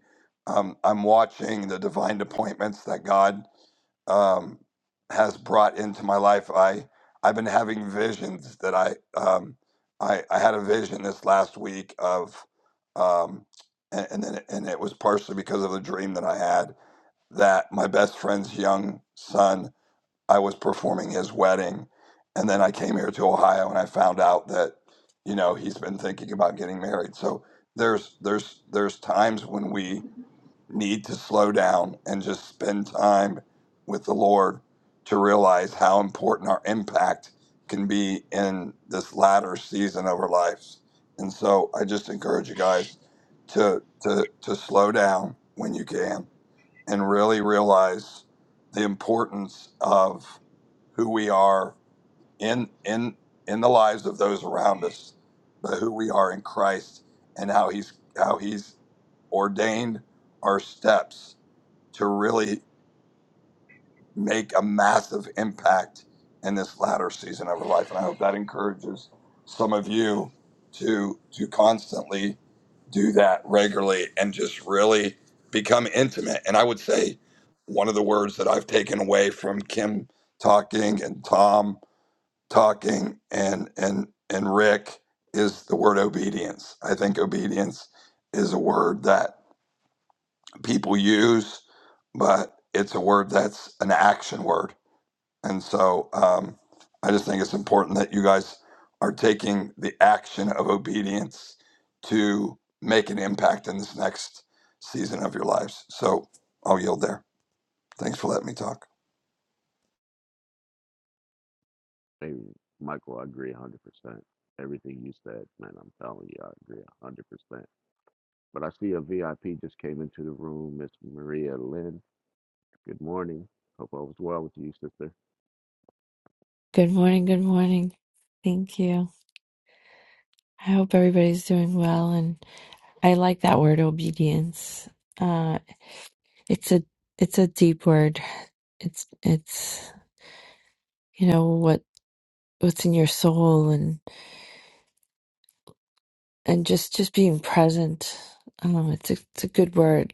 Speaker 7: Um, I'm watching the divine appointments that God um, has brought into my life. I I've been having visions that I um, I, I had a vision this last week of um, and, and then and it was partially because of the dream that I had that my best friend's young son, I was performing his wedding. And then I came here to Ohio and I found out that, you know, he's been thinking about getting married. So there's there's there's times when we need to slow down and just spend time with the Lord to realize how important our impact can be in this latter season of our lives. And so I just encourage you guys to to to slow down when you can and really realize the importance of who we are in in in the lives of those around us, but who we are in Christ and how he's how he's ordained our steps to really make a massive impact in this latter season of her life. And I hope that encourages some of you to to constantly do that regularly and just really become intimate. And I would say one of the words that I've taken away from Kim talking and Tom talking and and and Rick is the word obedience. I think obedience is a word that people use, but it's a word that's an action word and so um, I just think it's important that you guys are taking the action of obedience to make an impact in this next season of your lives. So I'll yield there. Thanks for letting me talk.
Speaker 6: Hey, Michael, I agree 100%. Everything you said, man, I'm telling you, I agree 100%. But I see a VIP just came into the room, Miss Maria Lynn. Good morning. Hope all was well with you, sister.
Speaker 8: Good morning, good morning. Thank you. I hope everybody's doing well and I like that word obedience. Uh it's a it's a deep word. It's it's you know what what's in your soul and and just just being present. Um it's a, it's a good word.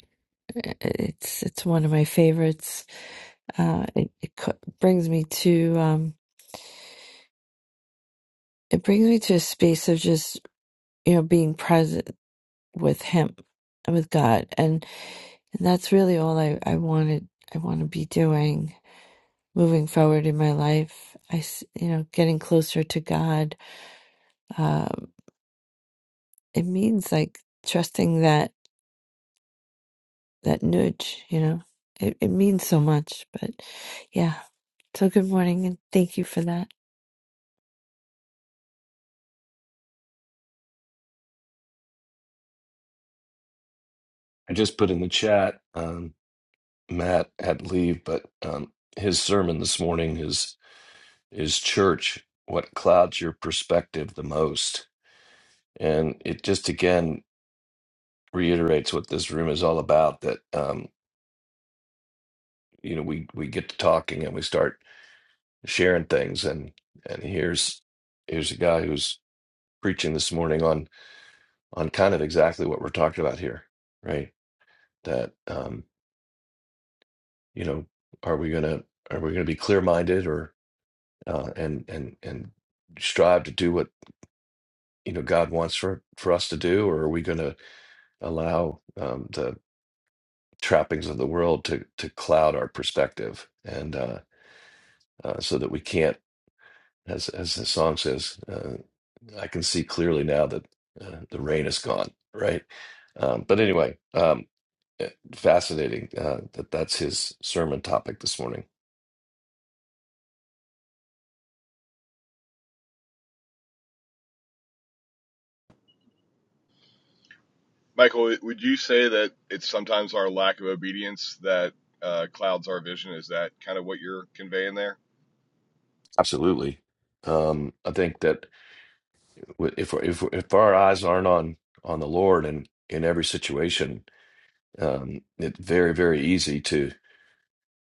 Speaker 8: It's it's one of my favorites. Uh it, it co- brings me to um it brings me to a space of just you know being present with him with God And that's really all I, I wanted. I want to be doing moving forward in my life. I, s- you know, getting closer to God. Um, it means like trusting that, that nudge, you know, it, it means so much, but yeah. So good morning and thank you for that.
Speaker 2: I just put in the chat. Um, Matt had to leave, but um, his sermon this morning is is church. What clouds your perspective the most, and it just again reiterates what this room is all about. That um, you know we we get to talking and we start. sharing things and and here's here's a guy who's preaching this morning on on kind of exactly what we're talking about here right that um you know are we gonna are we gonna be clear minded or uh and and and strive to do what you know god wants for for us to do or are we gonna allow um the trappings of the world to to cloud our perspective and uh, uh so that we can't as as the song says, uh, I can see clearly now that uh, the rain is gone, right? Um, but anyway, um, eh, fascinating uh, that that's his sermon topic this morning.
Speaker 5: Michael, would you say that it's sometimes our lack of obedience that uh, clouds our vision? Is that kind of what you're conveying there?
Speaker 2: Absolutely, um, I think that w- if if if our eyes aren't on on the Lord and in every situation, um, it's very very easy to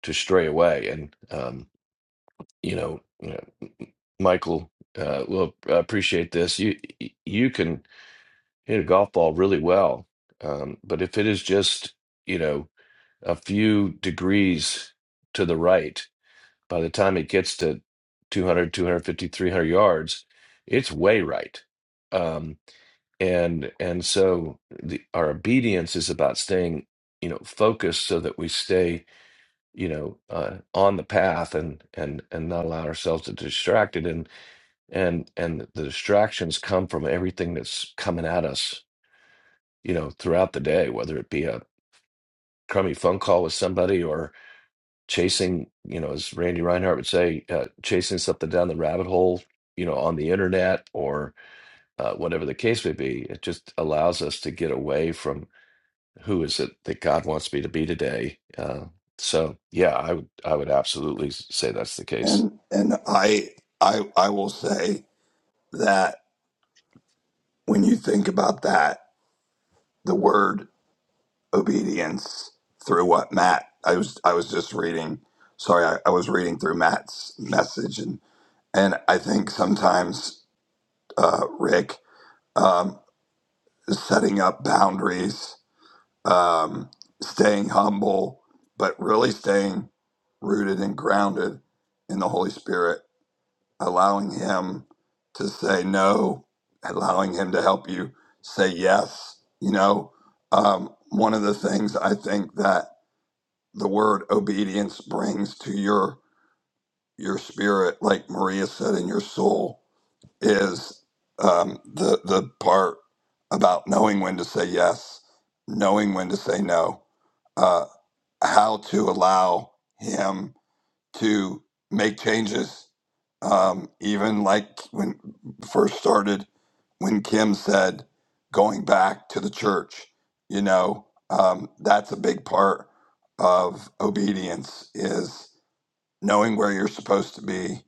Speaker 2: to stray away. And um, you know, you know, Michael, uh, will appreciate this. You you can hit a golf ball really well. Um, but if it is just, you know, a few degrees to the right, by the time it gets to 200, 250, 300 yards, it's way right. Um, and and so the, our obedience is about staying, you know, focused so that we stay, you know, uh, on the path and and and not allow ourselves to be distracted. And and and the distractions come from everything that's coming at us you know, throughout the day, whether it be a crummy phone call with somebody or chasing, you know, as Randy Reinhart would say, uh, chasing something down the rabbit hole, you know, on the internet or uh, whatever the case may be. It just allows us to get away from who is it that God wants me to be today. Uh, so yeah, I would I would absolutely say that's the case.
Speaker 7: And and I I I will say that when you think about that, the word obedience through what Matt I was I was just reading sorry, I, I was reading through Matt's message and and I think sometimes uh, Rick um, setting up boundaries, um, staying humble, but really staying rooted and grounded in the Holy Spirit, allowing Him to say no, allowing Him to help you say yes. You know, um, one of the things I think that the word obedience brings to your your spirit, like Maria said, in your soul, is um, the the part about knowing when to say yes, knowing when to say no, uh, how to allow him to make changes. Um, even like when first started, when Kim said going back to the church, you know, um, that's a big part of obedience. Is knowing where you're supposed to be,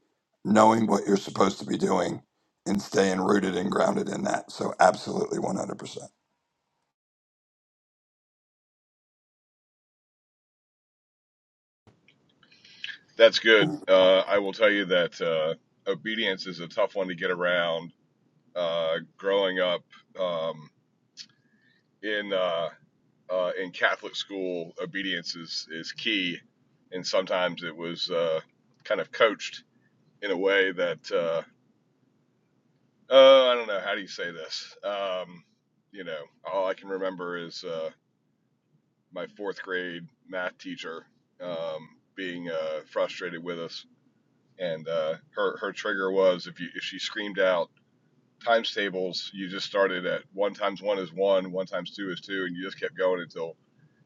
Speaker 7: knowing what you're supposed to be doing, and staying rooted and grounded in that. So, absolutely 100%.
Speaker 5: That's good. Uh, I will tell you that uh, obedience is a tough one to get around. Uh, growing up um, in uh, uh, in Catholic school, obedience is, is key. And sometimes it was uh, kind of coached in a way that, uh, uh, I don't know, how do you say this? Um, you know, all I can remember is uh, my fourth grade math teacher um, being uh, frustrated with us. And uh, her, her trigger was if, you, if she screamed out, times tables, you just started at one times one is one, one times two is two, and you just kept going until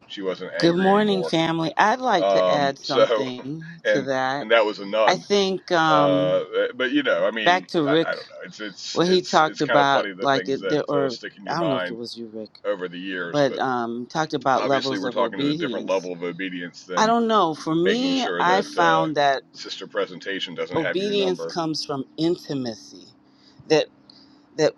Speaker 5: she wasn't
Speaker 9: Good
Speaker 5: angry
Speaker 9: morning,
Speaker 5: anymore
Speaker 9: family. I'd like to
Speaker 5: Um,
Speaker 9: add
Speaker 5: so,
Speaker 9: something to
Speaker 5: and
Speaker 9: that.
Speaker 5: and that was a
Speaker 9: I
Speaker 5: nun.
Speaker 9: think um,
Speaker 5: Uh, but you know, I mean,
Speaker 9: back to
Speaker 5: I,
Speaker 9: Rick,
Speaker 5: I don't know. It's it's
Speaker 9: what he
Speaker 5: it's it's
Speaker 9: talked
Speaker 5: kind of
Speaker 9: about,
Speaker 5: funny the
Speaker 9: like,
Speaker 5: things
Speaker 9: it, there,
Speaker 5: that uh,
Speaker 9: or
Speaker 5: stick in your
Speaker 9: I don't know if it
Speaker 5: mind
Speaker 9: was you, Rick,
Speaker 5: over the years.
Speaker 9: but
Speaker 5: But
Speaker 9: um, talked about
Speaker 5: obviously,
Speaker 9: levels
Speaker 5: we're
Speaker 9: of
Speaker 5: talking at a different
Speaker 9: obedience.
Speaker 5: level of obedience
Speaker 9: I
Speaker 5: than
Speaker 9: don't know. For
Speaker 5: making
Speaker 9: me,
Speaker 5: sure
Speaker 9: I
Speaker 5: that uh,
Speaker 9: found that
Speaker 5: sister presentation doesn't have your
Speaker 9: obedience
Speaker 5: number.
Speaker 9: comes from intimacy. That that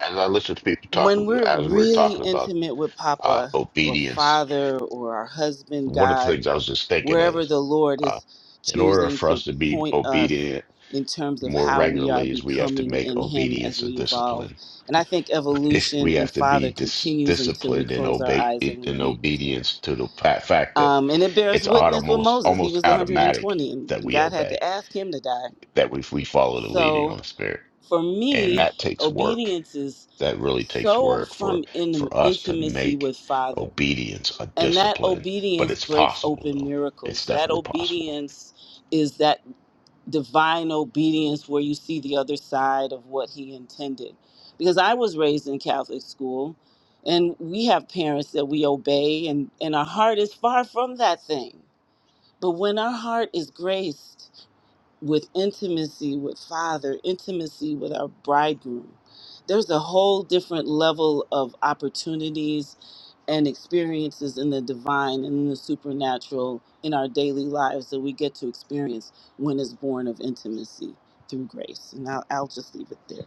Speaker 6: As I listen to people talk,
Speaker 9: when we're
Speaker 6: as we're
Speaker 9: really
Speaker 6: talking about
Speaker 9: intimate with
Speaker 6: uh,
Speaker 9: Papa or
Speaker 6: obedience,
Speaker 9: Father or our husband,
Speaker 6: One of the
Speaker 9: God.
Speaker 6: things I was just thinking
Speaker 9: wherever
Speaker 6: is,
Speaker 9: the Lord
Speaker 6: uh,
Speaker 9: is
Speaker 6: in order
Speaker 9: choosing
Speaker 6: for
Speaker 9: to
Speaker 6: us to be
Speaker 9: point us
Speaker 6: obedient
Speaker 9: in terms of
Speaker 6: more
Speaker 9: how we are
Speaker 6: regularly, is we have to
Speaker 9: becoming
Speaker 6: make
Speaker 9: in Him as
Speaker 6: obedience a
Speaker 9: we evolve.
Speaker 6: discipline.
Speaker 9: And I think evolution
Speaker 6: we
Speaker 9: in
Speaker 6: have to
Speaker 9: Father
Speaker 6: be dis-
Speaker 9: continues until we
Speaker 6: disciplined in
Speaker 9: close our
Speaker 6: obey
Speaker 9: eyes and we
Speaker 6: in
Speaker 9: meet with Him.
Speaker 6: obedience to the fa- fact that
Speaker 9: Um, and it bears
Speaker 6: it's
Speaker 9: witness with
Speaker 6: almost
Speaker 9: Moses. He
Speaker 6: almost
Speaker 9: was
Speaker 6: automatic
Speaker 9: 120, and
Speaker 6: that
Speaker 9: and
Speaker 6: we
Speaker 9: God had
Speaker 6: obey,
Speaker 9: to ask him to die.
Speaker 6: that we we follow the leading
Speaker 9: So
Speaker 6: of the Spirit,
Speaker 9: for
Speaker 6: and
Speaker 9: me,
Speaker 6: that takes work.
Speaker 9: obedience is
Speaker 6: That really takes
Speaker 9: so
Speaker 6: work for
Speaker 9: from in,
Speaker 6: for us to
Speaker 9: intimacy
Speaker 6: make
Speaker 9: with Father.
Speaker 6: obedience a
Speaker 9: And that
Speaker 6: discipline, but
Speaker 9: obedience
Speaker 6: it's
Speaker 9: breaks
Speaker 6: possible
Speaker 9: open
Speaker 6: though. It's
Speaker 9: miracles. That
Speaker 6: definitely possible.
Speaker 9: obedience is that divine obedience where you see the other side of what he intended. Because I was raised in Catholic school, and we have parents that we obey, and, and our heart is far from that thing. But when our heart is graced, with intimacy with father intimacy with our bridegroom there's a whole different level of opportunities and experiences in the divine and in the supernatural in our daily lives that we get to experience when it's born of intimacy through grace and i'll, I'll just leave it there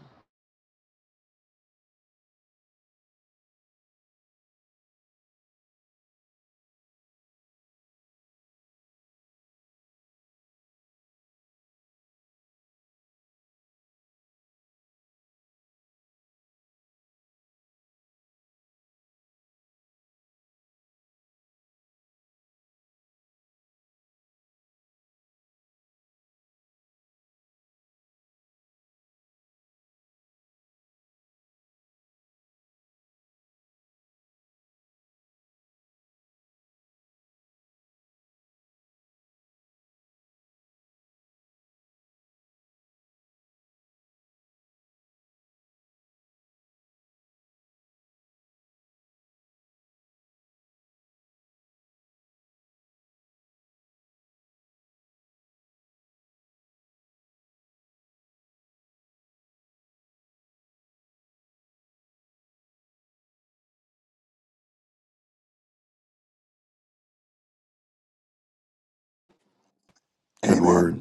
Speaker 1: good word
Speaker 7: Amen.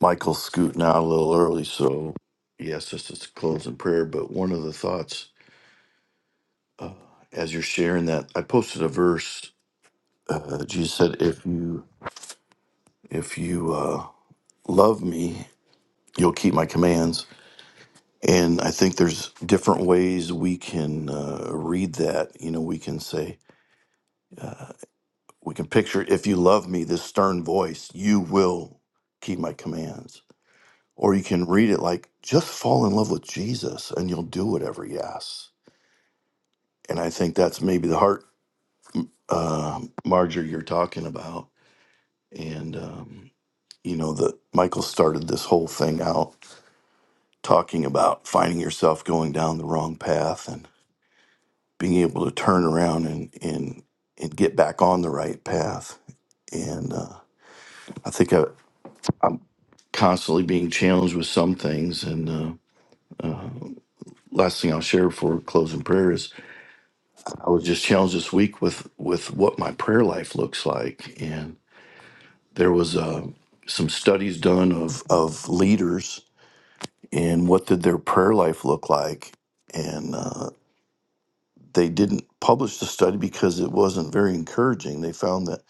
Speaker 1: Michael's scooting out a little early, so yes, this is closing prayer. But one of the thoughts as you're sharing that, I posted a verse. Uh, Jesus said, "If you if you uh, love me, you'll keep my commands." And I think there's different ways we can uh, read that. You know, we can say we can picture, "If you love me," this stern voice, "You will keep my commands." Or you can read it like, "Just fall in love with Jesus, and you'll do whatever he asks." and I think that's maybe the heart, uh, Marjorie, you're talking about. And um, you know, the Michael started this whole thing out talking about finding yourself going down the wrong path and being able to turn around and and and get back on the right path. And uh, I think I, I'm constantly being challenged with some things. And uh, last thing I'll share before closing prayer is I was just challenged this week with with what my prayer life looks like There was uh, some studies done of of leaders and what did their prayer life look like, and uh, they didn't publish the study because it wasn't very encouraging. They found that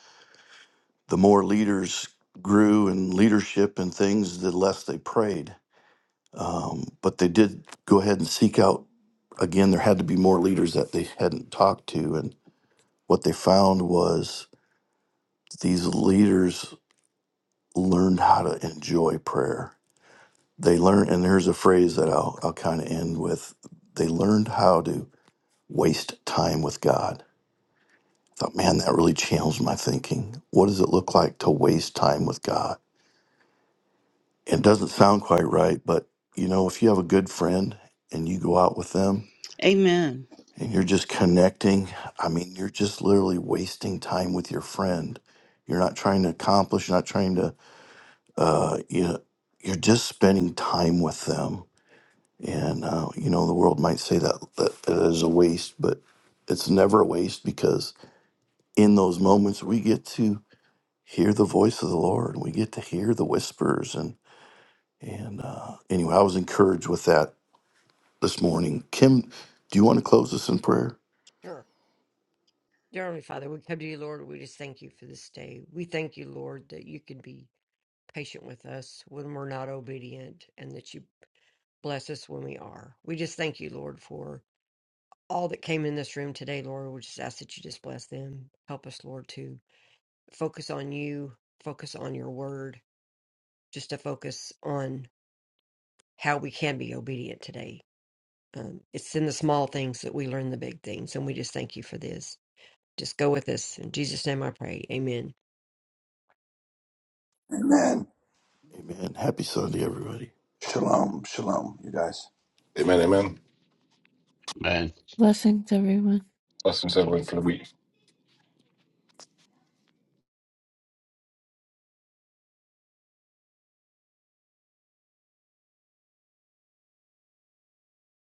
Speaker 1: the more leaders grew in leadership and things, the less they prayed. Um, but they did go ahead and seek out again, there had to be more leaders that they hadn't talked to. And what they found was these leaders learned how to enjoy prayer. They learn, and here's a phrase that I'll, I'll kind of end with. They learned how to waste time with God. I thought, man, that really challenged my thinking. What does it look like to waste time with God? It doesn't sound quite right, but you know, if you have a good friend and you go out with them
Speaker 9: amen
Speaker 1: and you're just connecting, I mean, you're just literally wasting time with your friend. You're not trying to accomplish, you're not trying to, uh, you know, you're just spending time with them And uh, you know, the world might say that that that is a waste, but it's never a waste because in those moments we get to hear the voice of the Lord. We get to hear the whispers, and and uh, anyway, I was encouraged with that this morning. Kim, do you want to close us in prayer?
Speaker 4: Sure. Dear Heavenly Father, we come to you, Lord. We just thank you for this day. We thank you, Lord, that you can be patient with us when we're not obedient and that you bless us when we are. We just thank you, Lord, for all that came in this room today, Lord, we just ask that you just bless them. Help us, Lord, to focus on you, focus on your word, just to focus on how we can be obedient today. Um, it's in the small things that we learn the big things, and we just thank you for this. Just go with us. In Jesus' name I pray. Amen.
Speaker 7: Amen.
Speaker 1: Amen. Happy Sunday, everybody.
Speaker 7: Shalom. Shalom, you guys.
Speaker 5: Amen, amen.
Speaker 6: Man.
Speaker 8: Blessings, everyone.
Speaker 5: Blessings everyone for the week.